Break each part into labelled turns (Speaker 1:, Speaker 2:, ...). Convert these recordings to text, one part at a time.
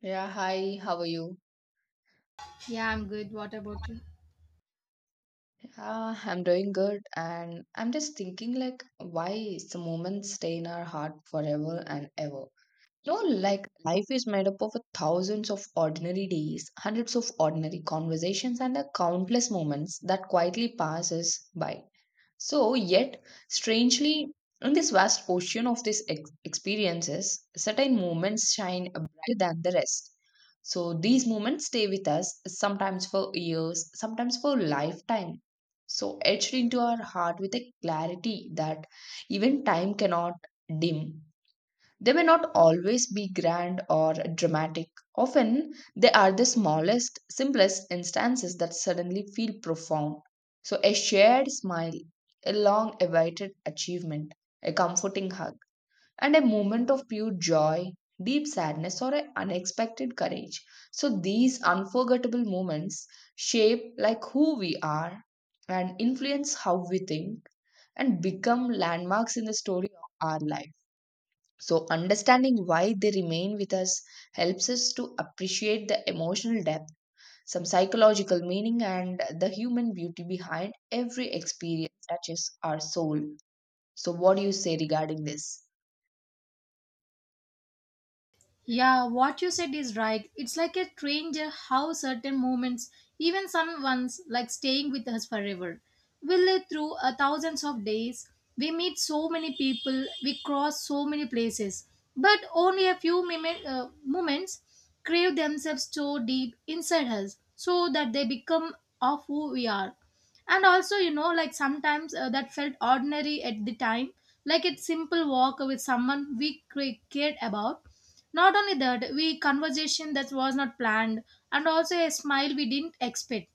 Speaker 1: Yeah, hi, how are you?
Speaker 2: Yeah, I'm good. What about you?
Speaker 1: Yeah, I'm doing good and I'm just thinking like why some moments stay in our heart forever and ever. You know, like life is made up of thousands of ordinary days, hundreds of ordinary conversations and a countless moments that quietly passes by. So, yet, strangely, in this vast ocean of these experiences, certain moments shine brighter than the rest. So, these moments stay with us sometimes for years, sometimes for lifetime. So, etched into our heart with a clarity that even time cannot dim. They may not always be grand or dramatic. Often, they are the smallest, simplest instances that suddenly feel profound. So, a shared smile, a long awaited achievement, a comforting hug, and a moment of pure joy, deep sadness, or an unexpected courage. So, these unforgettable moments shape like who we are and influence how we think and become landmarks in the story of our life. So, understanding why they remain with us helps us to appreciate the emotional depth, some psychological meaning, and the human beauty behind every experience touches our soul. So, what do you say regarding this?
Speaker 2: Yeah, what you said is right. It's like a stranger how certain moments, even some ones like staying with us forever, will live through a thousands of days. We meet so many people, we cross so many places, but only a few moments crave themselves so deep inside us so that they become of who we are. And also, you know, like sometimes that felt ordinary at the time, like a simple walk with someone we cared about. Not only that, we conversation that was not planned, and also a smile we didn't expect.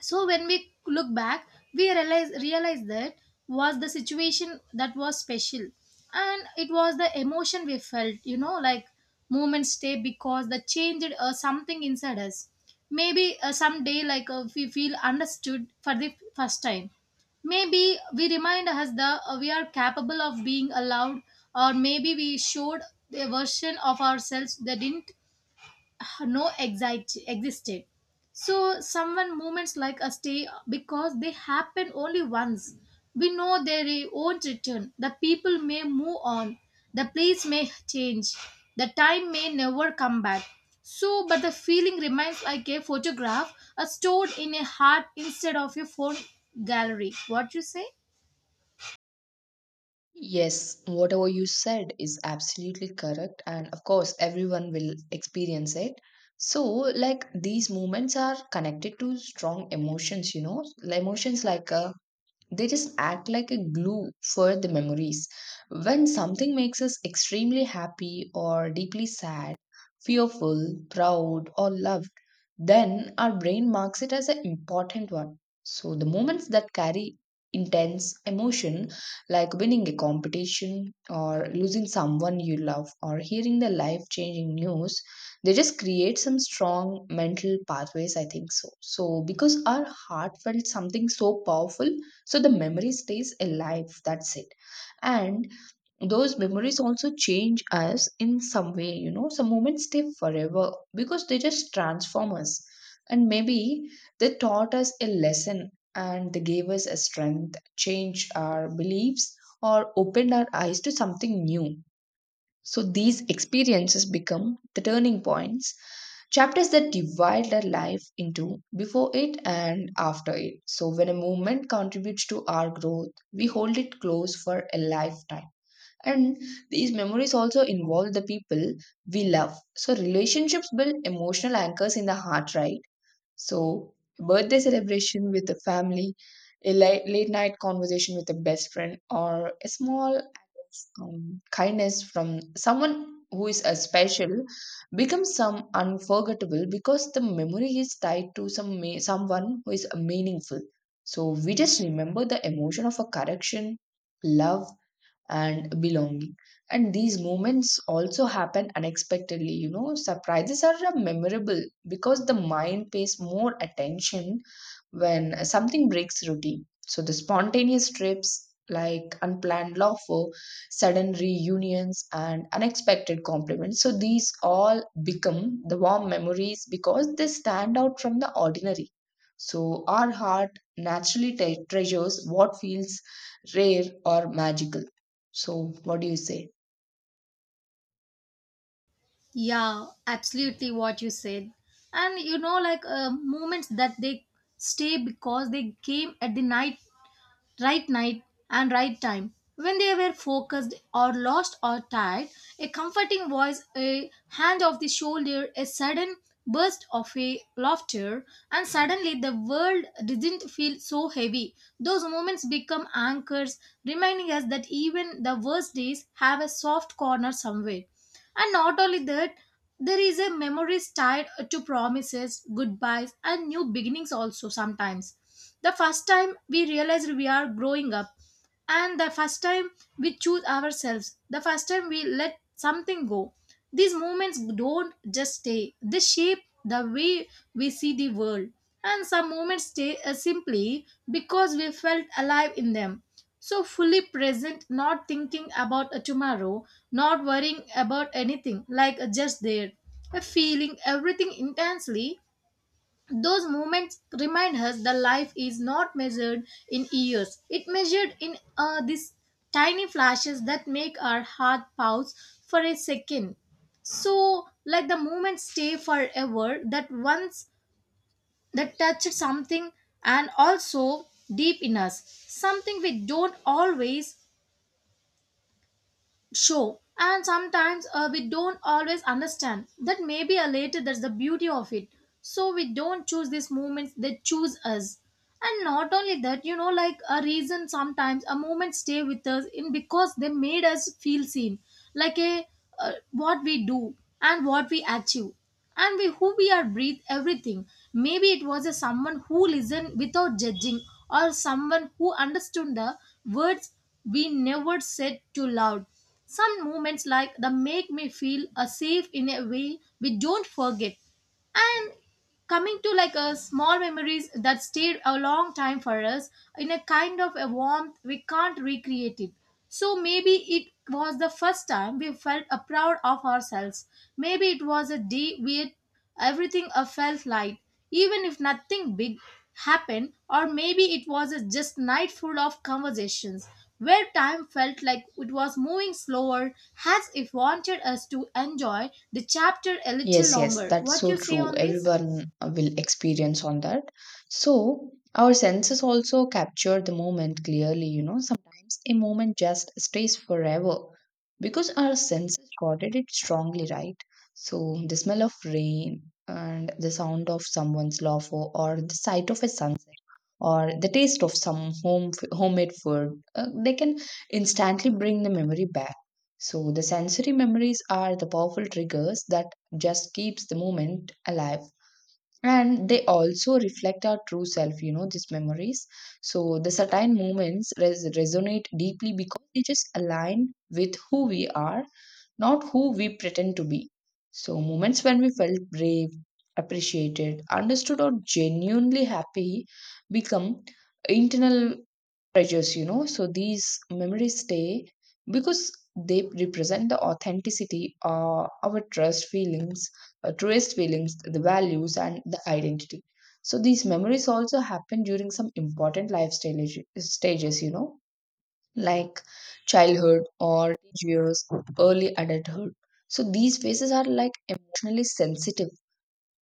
Speaker 2: So when we look back, we realize that was the situation that was special, and it was the emotion we felt, you know, like moments stay because that changed something inside us. Maybe someday we feel understood for the first time. Maybe we remind us that we are capable of being allowed, or maybe we showed a version of ourselves that didn't no exit existed. So someone moments like a stay because they happen only once. We know they won't return. The people may move on, the place may change, the time may never come back. So but the feeling remains like a photograph a stored in a heart instead of a phone gallery. What you say?
Speaker 1: Yes, whatever you said is absolutely correct, and of course, everyone will experience it. So, like these moments are connected to strong emotions, you know, emotions like they just act like a glue for the memories. When something makes us extremely happy or deeply sad, fearful, proud, or loved, then our brain marks it as an important one. So the moments that carry intense emotion, like winning a competition or losing someone you love or hearing the life changing news, they just create some strong mental pathways, I think so. So, because our heart felt something so powerful, so the memory stays alive, that's it. And those memories also change us in some way, you know. Some moments stay forever because they just transform us, and maybe they taught us a lesson and they gave us a strength, changed our beliefs, or opened our eyes to something new. So these experiences become the turning points, chapters that divide our life into before it and after it. So when a movement contributes to our growth, we hold it close for a lifetime. And these memories also involve the people we love. So relationships build emotional anchors in the heart, right? So, birthday celebration with the family, a late night conversation with a best friend, or a small act of kindness from someone who is a special becomes some unforgettable because the memory is tied to someone who is meaningful. So, we just remember the emotion of a correction, love, and belonging. And these moments also happen unexpectedly. You know, surprises are memorable because the mind pays more attention when something breaks routine. So the spontaneous trips like unplanned laughter, sudden reunions, and unexpected compliments. So these all become the warm memories because they stand out from the ordinary. So our heart naturally treasures what feels rare or magical. So, what do you say?
Speaker 2: Yeah, absolutely, what you said. And you know, like moments that they stay because they came at the night, right night and right time. When they were focused or lost or tired, a comforting voice, a hand of the shoulder, a sudden burst of a laughter, and suddenly the world didn't feel so heavy. Those moments become anchors, reminding us that even the worst days have a soft corner somewhere. And not only that, there is a memories tied to promises, goodbyes, and new beginnings also sometimes. The first time we realize we are growing up, and the first time we choose ourselves, the first time we let something go. These moments don't just stay, they shape the way we see the world. And some moments stay simply because we felt alive in them. So fully present, not thinking about a tomorrow, not worrying about anything, like a just there, a feeling everything intensely. Those moments remind us that life is not measured in years. It measured in these tiny flashes that make our heart pause for a second. So let the moment stay forever. That once that touched something, and also deep in us, something we don't always show, and sometimes we don't always understand that maybe a later that's the beauty of it. So we don't choose these moments, they choose us. And not only that, you know, like a reason sometimes a moment stay with us in because they made us feel seen. Like a what we do and what we achieve and we who we are breathe everything. Maybe it was a someone who listened without judging, or someone who understood the words we never said too loud. Some moments like the make me feel a safe in a way we don't forget. And coming to like a small memories that stayed a long time for us in a kind of a warmth we can't recreate it. So maybe it was the first time we felt a proud of ourselves. Maybe it was a day where everything felt light, even if nothing big happened. Or maybe it was a just night full of conversations where time felt like it was moving slower, as if wanted us to enjoy the chapter a little
Speaker 1: Yes, yes,
Speaker 2: longer.
Speaker 1: that's
Speaker 2: What
Speaker 1: so
Speaker 2: you say
Speaker 1: true.
Speaker 2: on this?
Speaker 1: Everyone will experience on that. So, our senses also capture the moment clearly, you know. Sometimes a moment just stays forever because our senses recorded it strongly, right? So, the smell of rain and the sound of someone's laugh or the sight of a sunset or the taste of some homemade food, they can instantly bring the memory back. So, the sensory memories are the powerful triggers that just keeps the moment alive, and they also reflect our true self, you know, these memories. So the certain moments resonate deeply because they just align with who we are, not who we pretend to be. So moments when we felt brave, appreciated, understood, or genuinely happy become internal treasures, you know. So these memories stay because they represent the authenticity, truest feelings, the values, and the identity. So these memories also happen during some important stages, you know, like childhood or teenage years, early adulthood. So these phases are like emotionally sensitive,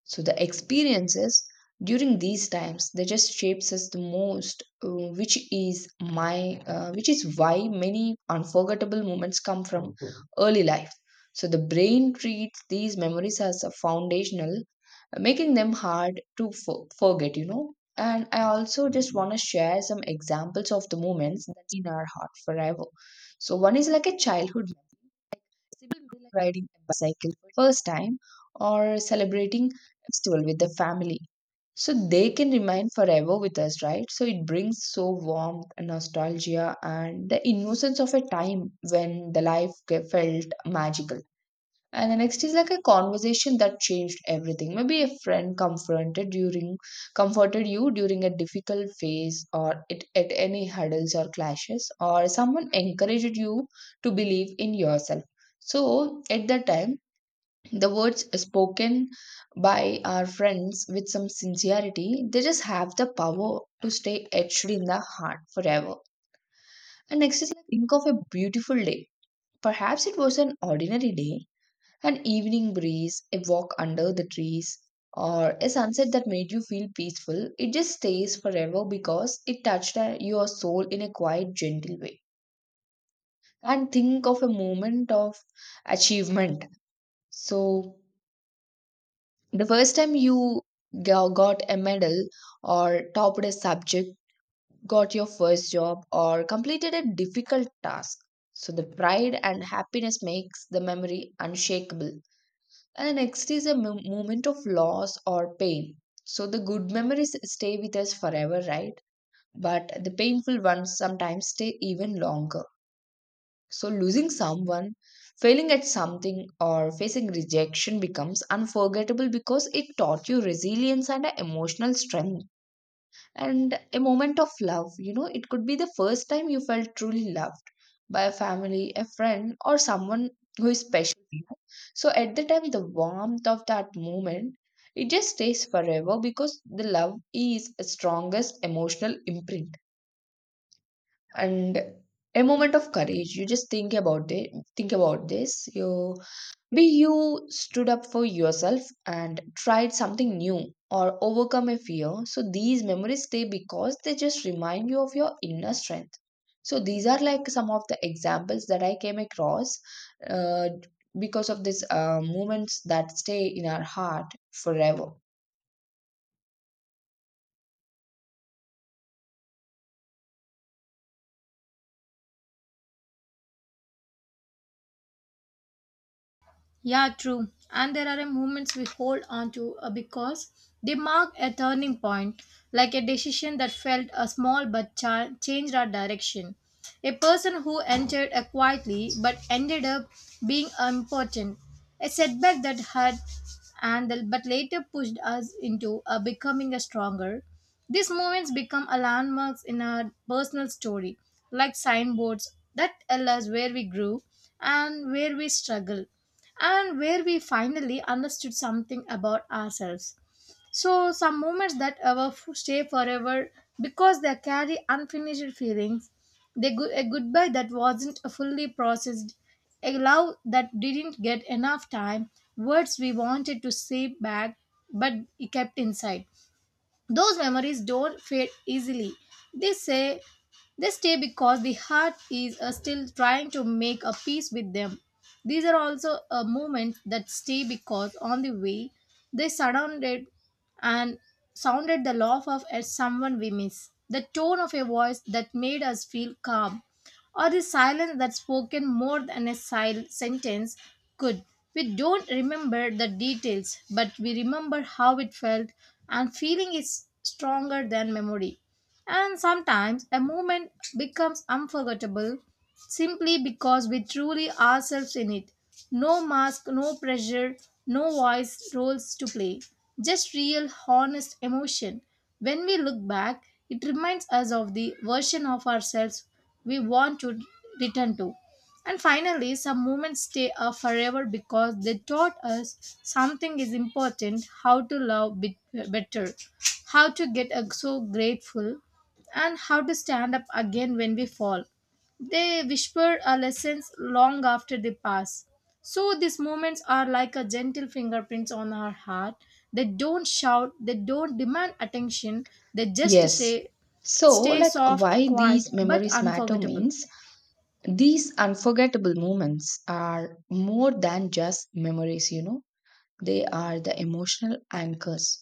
Speaker 1: so the experiences during these times they just shapes us the most, which is why many unforgettable moments come from Mhm. early life. So the brain treats these memories as a foundational, making them hard to forget. You know. And I also just want to share some examples of the moments that in our heart forever. So one is like a childhood simple memory like riding a bicycle for the first time or celebrating a festival with the family. So they can remain forever with us, right? So it brings so warmth and nostalgia and the innocence of a time when the life felt magical. And the next is like a conversation that changed everything. Maybe a friend confronted during comforted you during a difficult phase or it, at any hurdles or clashes, or someone encouraged you to believe in yourself. So at that time, the words spoken by our friends with some sincerity, they just have the power to stay etched in the heart forever. And next is like think of a beautiful day. Perhaps it was an ordinary day, an evening breeze, a walk under the trees, or a sunset that made you feel peaceful. It just stays forever because it touched your soul in a quiet, gentle way. And think of a moment of achievement. So, the first time you got a medal or topped a subject, got your first job, or completed a difficult task. So, the pride and happiness makes the memory unshakable. And next is a moment of loss or pain. So the good memories stay with us forever, right? But the painful ones sometimes stay even longer. So losing someone, failing at something, or facing rejection becomes unforgettable because it taught you resilience and a emotional strength, and a moment of love. You know, it could be the first time you felt truly loved by a family, a friend, or someone who is special. To you. So at the time, the warmth of that moment, it just stays forever because the love is the strongest emotional imprint, and a moment of courage. You just think about it. Think about this. You stood up for yourself and tried something new or overcome a fear. So these memories stay because they just remind you of your inner strength. So these are like some of the examples that I came across uh, because of these moments that stay in our heart forever.
Speaker 2: Yeah, true. And there are moments we hold on to because they mark a turning point, like a decision that felt a small but changed our direction. A person who entered a quietly but ended up being important. A setback that had and but later pushed us into a becoming a stronger. These moments become a landmarks in our personal story, like signboards that tell us where we grew, and where we struggle, and where we finally understood something about ourselves. So, some moments that stay forever because they carry unfinished feelings, they a goodbye that wasn't fully processed, a love that didn't get enough time, words we wanted to say back but kept inside. Those memories don't fade easily. They say they stay because the heart is still trying to make a peace with them. These are also moments that stay because on the way they surrounded and sounded the laugh of at someone we miss. The tone of a voice that made us feel calm, or the silence that spoken more than a sentence could. We don't remember the details, but we remember how it felt, and feeling is stronger than memory. And sometimes a moment becomes unforgettable simply because we truly ourselves in it. No mask, no pressure, no voice roles to play. Just real, honest emotion. When we look back, it reminds us of the version of ourselves we want to return to. And finally, some moments stay up forever because they taught us something is important, how to love bit better, how to get so grateful, and how to stand up again when we fall. They whisper our lessons long after they pass. So these moments are like a gentle fingerprints on our heart. They don't shout, they don't demand attention, they just
Speaker 1: Yes.
Speaker 2: say,
Speaker 1: So,
Speaker 2: stay
Speaker 1: like,
Speaker 2: soft,
Speaker 1: why
Speaker 2: quiet,
Speaker 1: these
Speaker 2: but
Speaker 1: memories matter
Speaker 2: unforgettable.
Speaker 1: means these unforgettable moments are more than just memories, you know. They are the emotional anchors.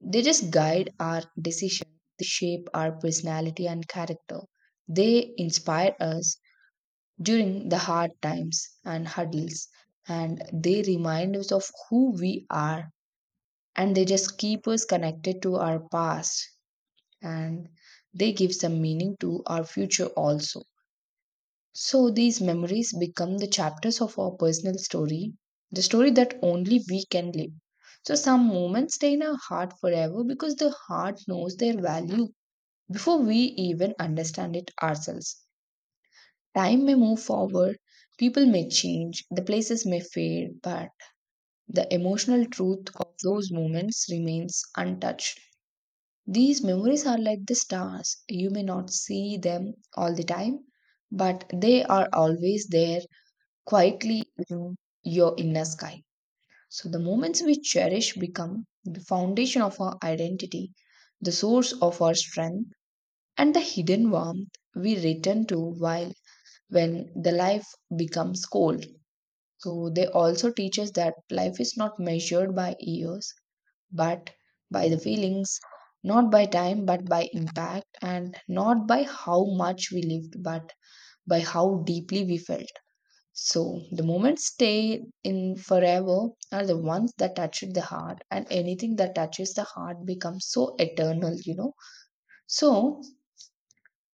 Speaker 1: They just guide our decision, they shape our personality and character. They inspire us during the hard times and hurdles, and they remind us of who we are. And they just keep us connected to our past, and they give some meaning to our future also. So these memories become the chapters of our personal story, the story that only we can live. So some moments stay in our heart forever because the heart knows their value before we even understand it ourselves. Time may move forward, people may change, the places may fade, but the emotional truth of those moments remains untouched. These memories are like the stars. You may not see them all the time, but they are always there, quietly you your inner sky. So the moments we cherish become the foundation of our identity, the source of our strength, and the hidden warmth we return to while when the life becomes cold. So they also teach us that life is not measured by years, but by the feelings, not by time, but by impact, and not by how much we lived, but by how deeply we felt. So the moments stay in forever are the ones that touch the heart, and anything that touches the heart becomes so eternal, you know. So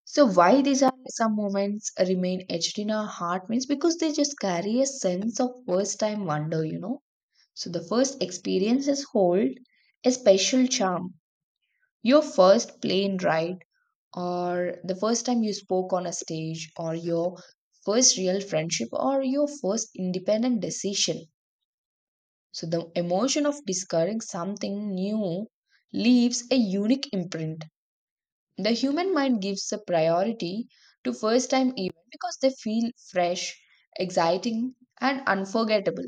Speaker 1: so why these are some moments remain etched in our heart means because they just carry a sense of first time wonder, you know. So the first experiences hold a special charm. Your first plane ride or the first time you spoke on a stage or your first real friendship or your first independent decision. So the emotion of discovering something new leaves a unique imprint. The human mind gives a priority to first time events because they feel fresh, exciting, and unforgettable.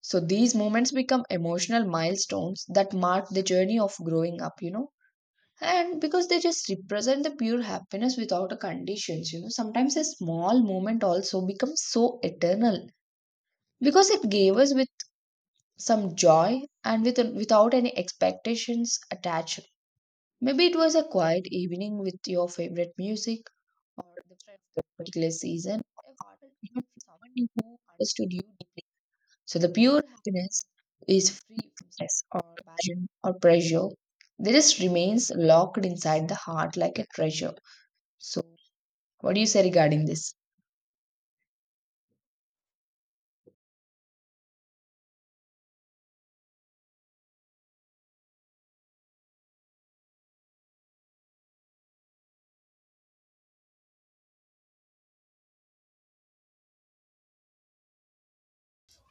Speaker 1: So these moments become emotional milestones that mark the journey of growing up, you know. And because they just represent the pure happiness without a conditions, you know, sometimes a small moment also becomes so eternal because it gave us with some joy and without any expectations attached. Maybe it was a quiet evening with your favorite music or the friend of that particular season, or a heartfelt moment with someone who understood you deeply. So the pure happiness is free from stress or passion or pressure. This remains locked inside the heart like a treasure. So, what do you say regarding this?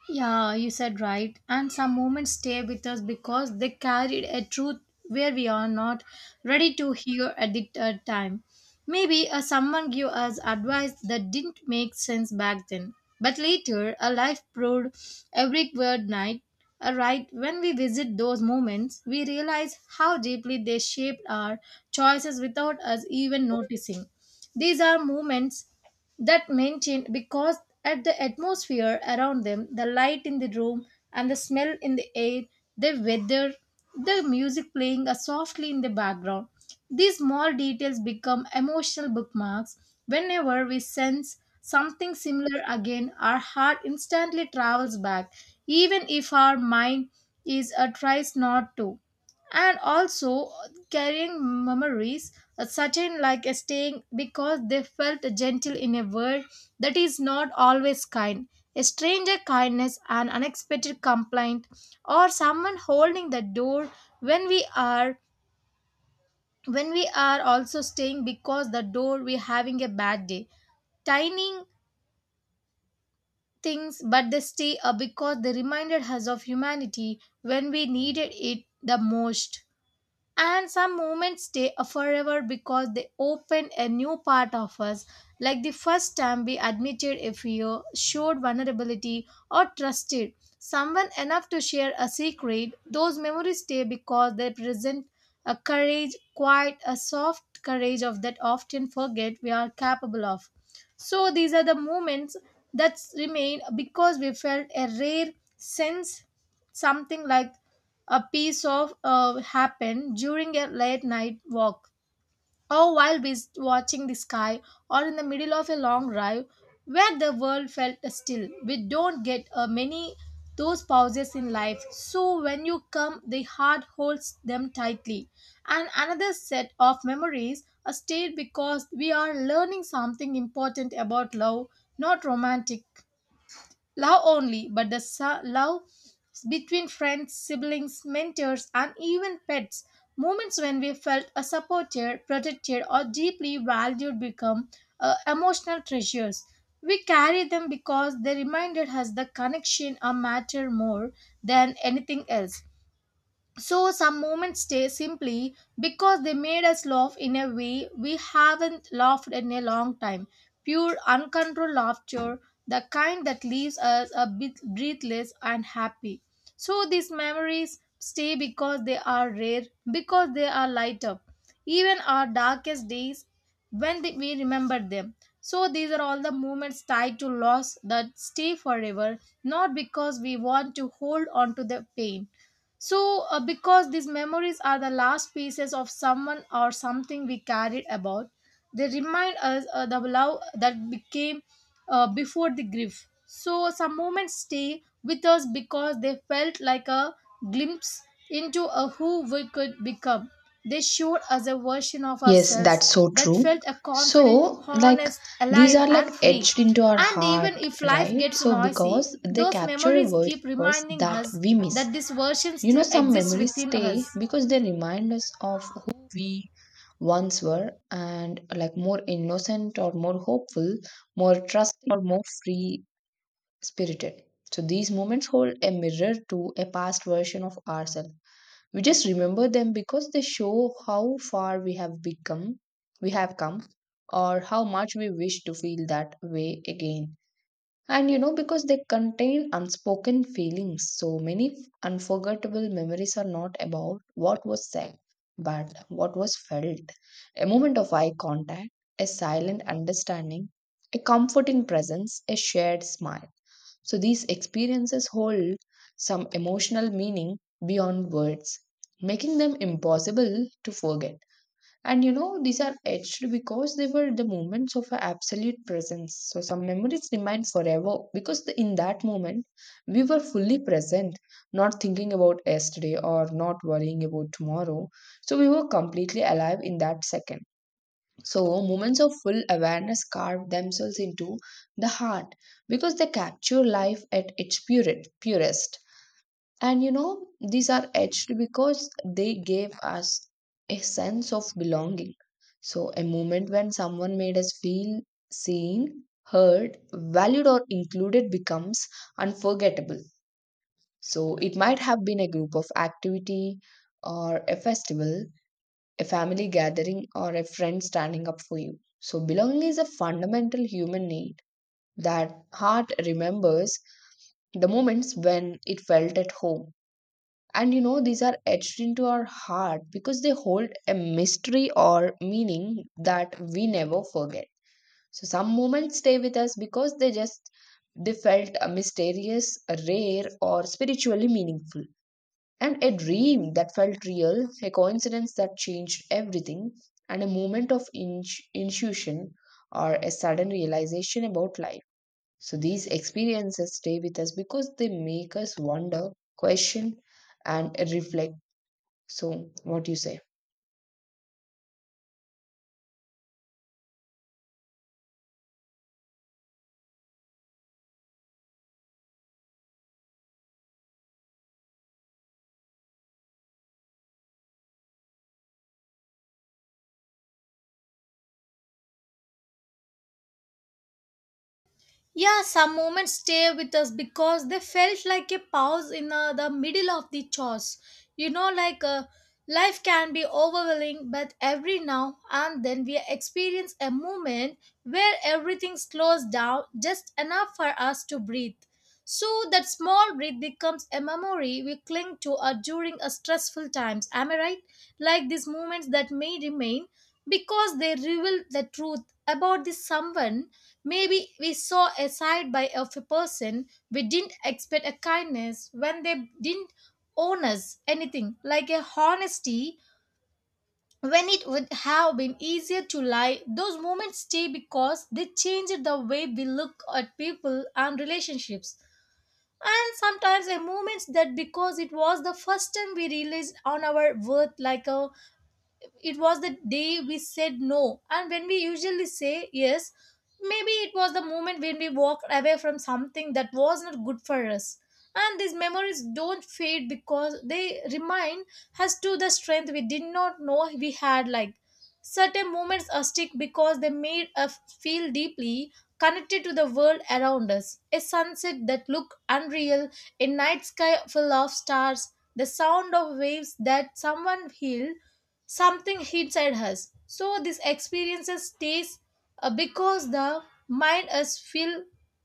Speaker 2: Yeah, you said right. And some moments stay with us because they carried a truth where we are not ready to hear at the time. Maybe someone gave us advice that didn't make sense back then. But later, a life proved every word night. Right, when we visit those moments, we realize how deeply they shaped our choices without us even noticing. These are moments that maintained because at the atmosphere around them, the light in the room and the smell in the air, the weather, the music playing softly in the background. These small details become emotional bookmarks. Whenever we sense something similar again, our heart instantly travels back, even if our mind is tries not to. And also carrying memories certain like a staying because they felt gentle in a world that is not always kind. A stranger kindness, an unexpected complaint, or someone holding the door when we are, when we are also staying because the door we having a bad day. Tiny things, but they stay because they reminded us of humanity when we needed it the most. And some moments stay forever because they open a new part of us, like the first time we admitted a fear, showed vulnerability, or trusted someone enough to share a secret. Those memories stay because they present a courage, quite a soft courage of that often forget we are capable of. So these are the moments that remain because we felt a rare sense something like a piece of happened during a late night walk, or while watching the sky, or in the middle of a long drive where the world felt still. We don't get many those pauses in life, so when you come the heart holds them tightly. And another set of memories are stayed because we are learning something important about love, not romantic love only, but the love between friends, siblings, mentors, and even pets. Moments when we felt supported, protected, or deeply valued become emotional treasures. We carry them because they reminded us the connection a matter more than anything else. So some moments stay simply because they made us laugh in a way we haven't laughed in a long time. Pure uncontrolled laughter, the kind that leaves us a bit breathless and happy. So these memories stay because they are rare, because they are lighter. Even our darkest days when we remember them. So these are all the moments tied to loss that stay forever, not because we want to hold on to the pain, so, because these memories are the last pieces of someone or something we carried about, they remind us the love that became before the grief. So, some moments stay with us because they felt like a glimpse into a who we could become. They showed us a version of
Speaker 1: Yes,
Speaker 2: ourselves
Speaker 1: that's so
Speaker 2: that
Speaker 1: true.
Speaker 2: felt a confident,
Speaker 1: So, like,
Speaker 2: honest,
Speaker 1: these
Speaker 2: alive,
Speaker 1: are like
Speaker 2: and free.
Speaker 1: etched into our
Speaker 2: And
Speaker 1: heart,
Speaker 2: even if life
Speaker 1: right?
Speaker 2: gets
Speaker 1: So,
Speaker 2: noisy,
Speaker 1: because they
Speaker 2: those
Speaker 1: capture a
Speaker 2: memories keep
Speaker 1: version of us
Speaker 2: reminding
Speaker 1: that
Speaker 2: us
Speaker 1: we miss.
Speaker 2: that this version
Speaker 1: You know,
Speaker 2: still
Speaker 1: some
Speaker 2: exists
Speaker 1: memories
Speaker 2: within us.
Speaker 1: stay because they remind us of who we once were and like more innocent or more hopeful, more trusting or more free spirited. So these moments hold a mirror to a past version of ourselves. We just remember them because they show how far we have come, or how much we wish to feel that way again. And you know, because they contain unspoken feelings, so many unforgettable memories are not about what was said, but what was felt. A moment of eye contact, a silent understanding, a comforting presence, a shared smile. So these experiences hold some emotional meaning beyond words, making them impossible to forget. And you know, these are etched because they were the moments of a absolute presence. So some memories remain forever because the, in that moment we were fully present, not thinking about yesterday or not worrying about tomorrow. So we were completely alive in that second. So moments of full awareness carve themselves into the heart because they capture life at its purest. And you know, these are etched because they gave us a sense of belonging. So, a moment when someone made us feel seen, heard, valued, or included becomes unforgettable. So, it might have been a group of activity or a festival, a family gathering, or a friend standing up for you. So, belonging is a fundamental human need that heart remembers the moments when it felt at home. And you know, these are etched into our heart because they hold a mystery or meaning that we never forget. So some moments stay with us because they just they felt mysterious, rare, or spiritually meaningful. And a dream that felt real, a coincidence that changed everything, and a moment of intuition or a sudden realization about life. So these experiences stay with us because they make us wonder, question, and reflect. So, what do you say?
Speaker 2: Yeah, some moments stay with us because they felt like a pause in the middle of the chores. You know, like life can be overwhelming, but every now and then we experience a moment where everything slows down just enough for us to breathe. So that small breath becomes a memory we cling to during a stressful times. Am I right? Like these moments that may remain because they reveal the truth about the someone. Maybe we saw a side by of a person we didn't expect, a kindness when they didn't own us anything, like a honesty when it would have been easier to lie. Those moments stay because they changed the way we look at people and relationships. And sometimes a moment that because it was the first time we realized on our worth, like a it was the day we said no. And when we usually say yes, maybe it was the moment when we walked away from something that was not good for us. And these memories don't fade because they remind us to the strength we did not know we had. Like certain moments are stick because they made us feel deeply connected to the world around us. A sunset that looked unreal, a night sky full of stars, the sound of waves that someone healed, something inside us. So this experiences stays because the mind is feel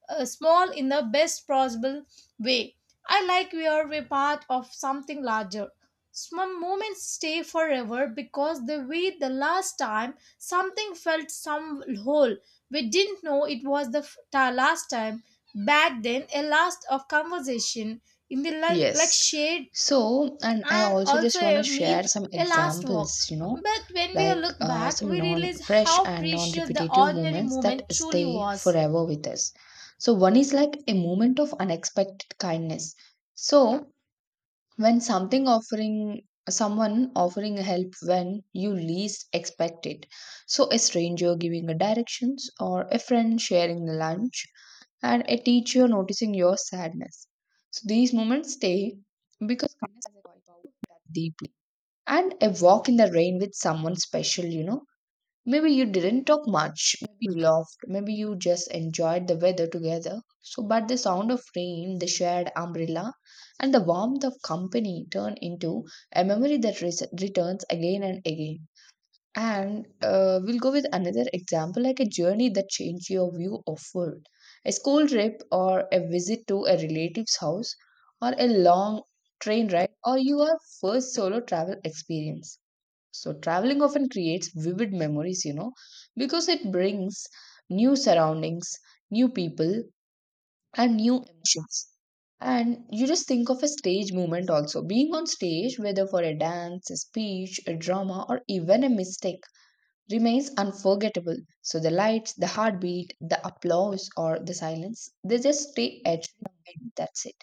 Speaker 2: small in the best possible way. I like we are a part of something larger. Some moments stay forever because the way the last time something felt some whole. We didn't know it was the last time. Back then, a last of conversation in the like
Speaker 1: Yes.
Speaker 2: shared
Speaker 1: So, and I
Speaker 2: and
Speaker 1: also
Speaker 2: also
Speaker 1: just want
Speaker 2: a
Speaker 1: to
Speaker 2: meal,
Speaker 1: share some
Speaker 2: a last walk.
Speaker 1: examples, you know,
Speaker 2: But when we
Speaker 1: like
Speaker 2: look back,
Speaker 1: some
Speaker 2: we
Speaker 1: non
Speaker 2: realize
Speaker 1: fresh
Speaker 2: how
Speaker 1: and non
Speaker 2: precious the
Speaker 1: repetitive
Speaker 2: ordinary
Speaker 1: moments that
Speaker 2: moment truly
Speaker 1: stay
Speaker 2: was.
Speaker 1: forever with us. So, one is like a moment of unexpected kindness. So, when something offering someone offering help when you least expect it. So, a stranger giving a directions or a friend sharing the lunch and a teacher noticing your sadness. So these moments stay because kindness has a quiet power that deeply. And a walk in the rain with someone special, you know. Maybe you didn't talk much, maybe you laughed, maybe you just enjoyed the weather together. So, but the sound of rain, the shared umbrella, and the warmth of company turn into a memory that returns again and again. And we'll go with another example like a journey that changed your view of world, a school trip or a visit to a relative's house or a long train ride or your first solo travel experience. So traveling often creates vivid memories, you know, because it brings new surroundings, new people, and new emotions. And you just think of a stage moment also. Being on stage, whether for a dance, a speech, a drama, or even a mistake remains unforgettable. So the lights, the heartbeat, the applause, or the silence, they just stay etched in our mind. That's it.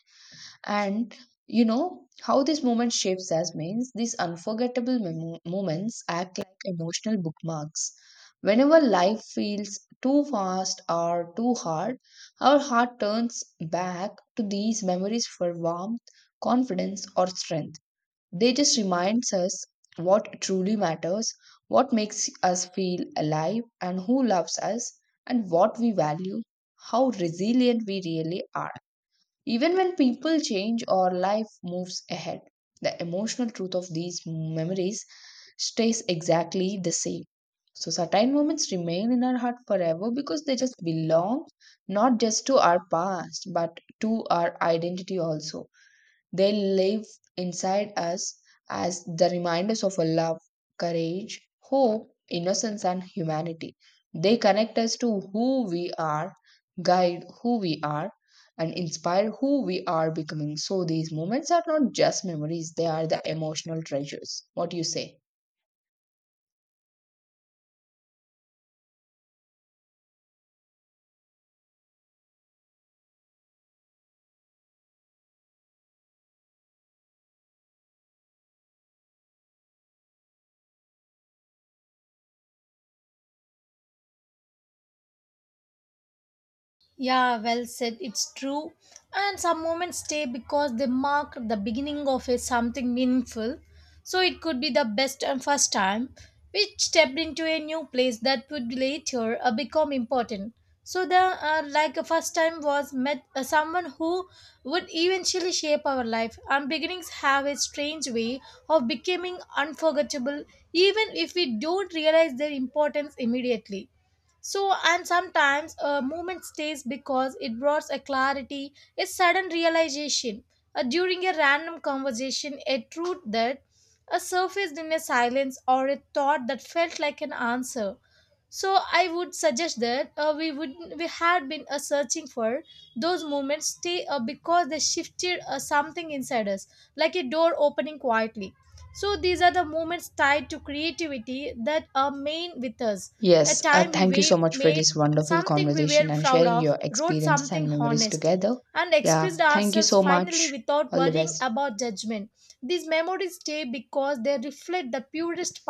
Speaker 1: And you know how this moment shapes us means these unforgettable moments act like emotional bookmarks. Whenever life feels too fast or too hard, our heart turns back to these memories for warmth, confidence, or strength. They just reminds us what truly matters, what makes us feel alive and who loves us and what we value, how resilient we really are. Even when people change or life moves ahead, the emotional truth of these memories stays exactly the same. So certain moments remain in our heart forever because they just belong not just to our past but to our identity also. They live inside us as the reminders of our love, courage, hope, innocence, and humanity. They connect us to who we are, guide who we are, and inspire who we are becoming. So these moments are not just memories, they are the emotional treasures. What do you say?
Speaker 2: Yeah, well said. It's true. And some moments stay because they mark the beginning of a something meaningful. So it could be the best and first time which stepped into a new place that would later become important. So the like a first time was met someone who would eventually shape our life. And beginnings have a strange way of becoming unforgettable, even if we don't realize their importance immediately. So, and sometimes a moment stays because it brought a clarity, a sudden realization, during a random conversation, a truth that surfaced in a silence or a thought that felt like an answer. So I would suggest that we would we had been searching for. Those moments stay because they shifted something inside us, like a door opening quietly. So these are the moments tied to creativity that are main with us, a
Speaker 1: Yes,
Speaker 2: time we
Speaker 1: thank you so much for
Speaker 2: made
Speaker 1: this wonderful
Speaker 2: something we were
Speaker 1: conversation and
Speaker 2: proud
Speaker 1: sharing
Speaker 2: of,
Speaker 1: your
Speaker 2: wrote
Speaker 1: experiences
Speaker 2: something
Speaker 1: and memories
Speaker 2: honest,
Speaker 1: together.
Speaker 2: and
Speaker 1: Yeah,
Speaker 2: expressed
Speaker 1: thank you
Speaker 2: ourselves
Speaker 1: so
Speaker 2: finally
Speaker 1: much.
Speaker 2: without
Speaker 1: All the
Speaker 2: worrying
Speaker 1: best.
Speaker 2: about judgment. These memories stay because they reflect the purest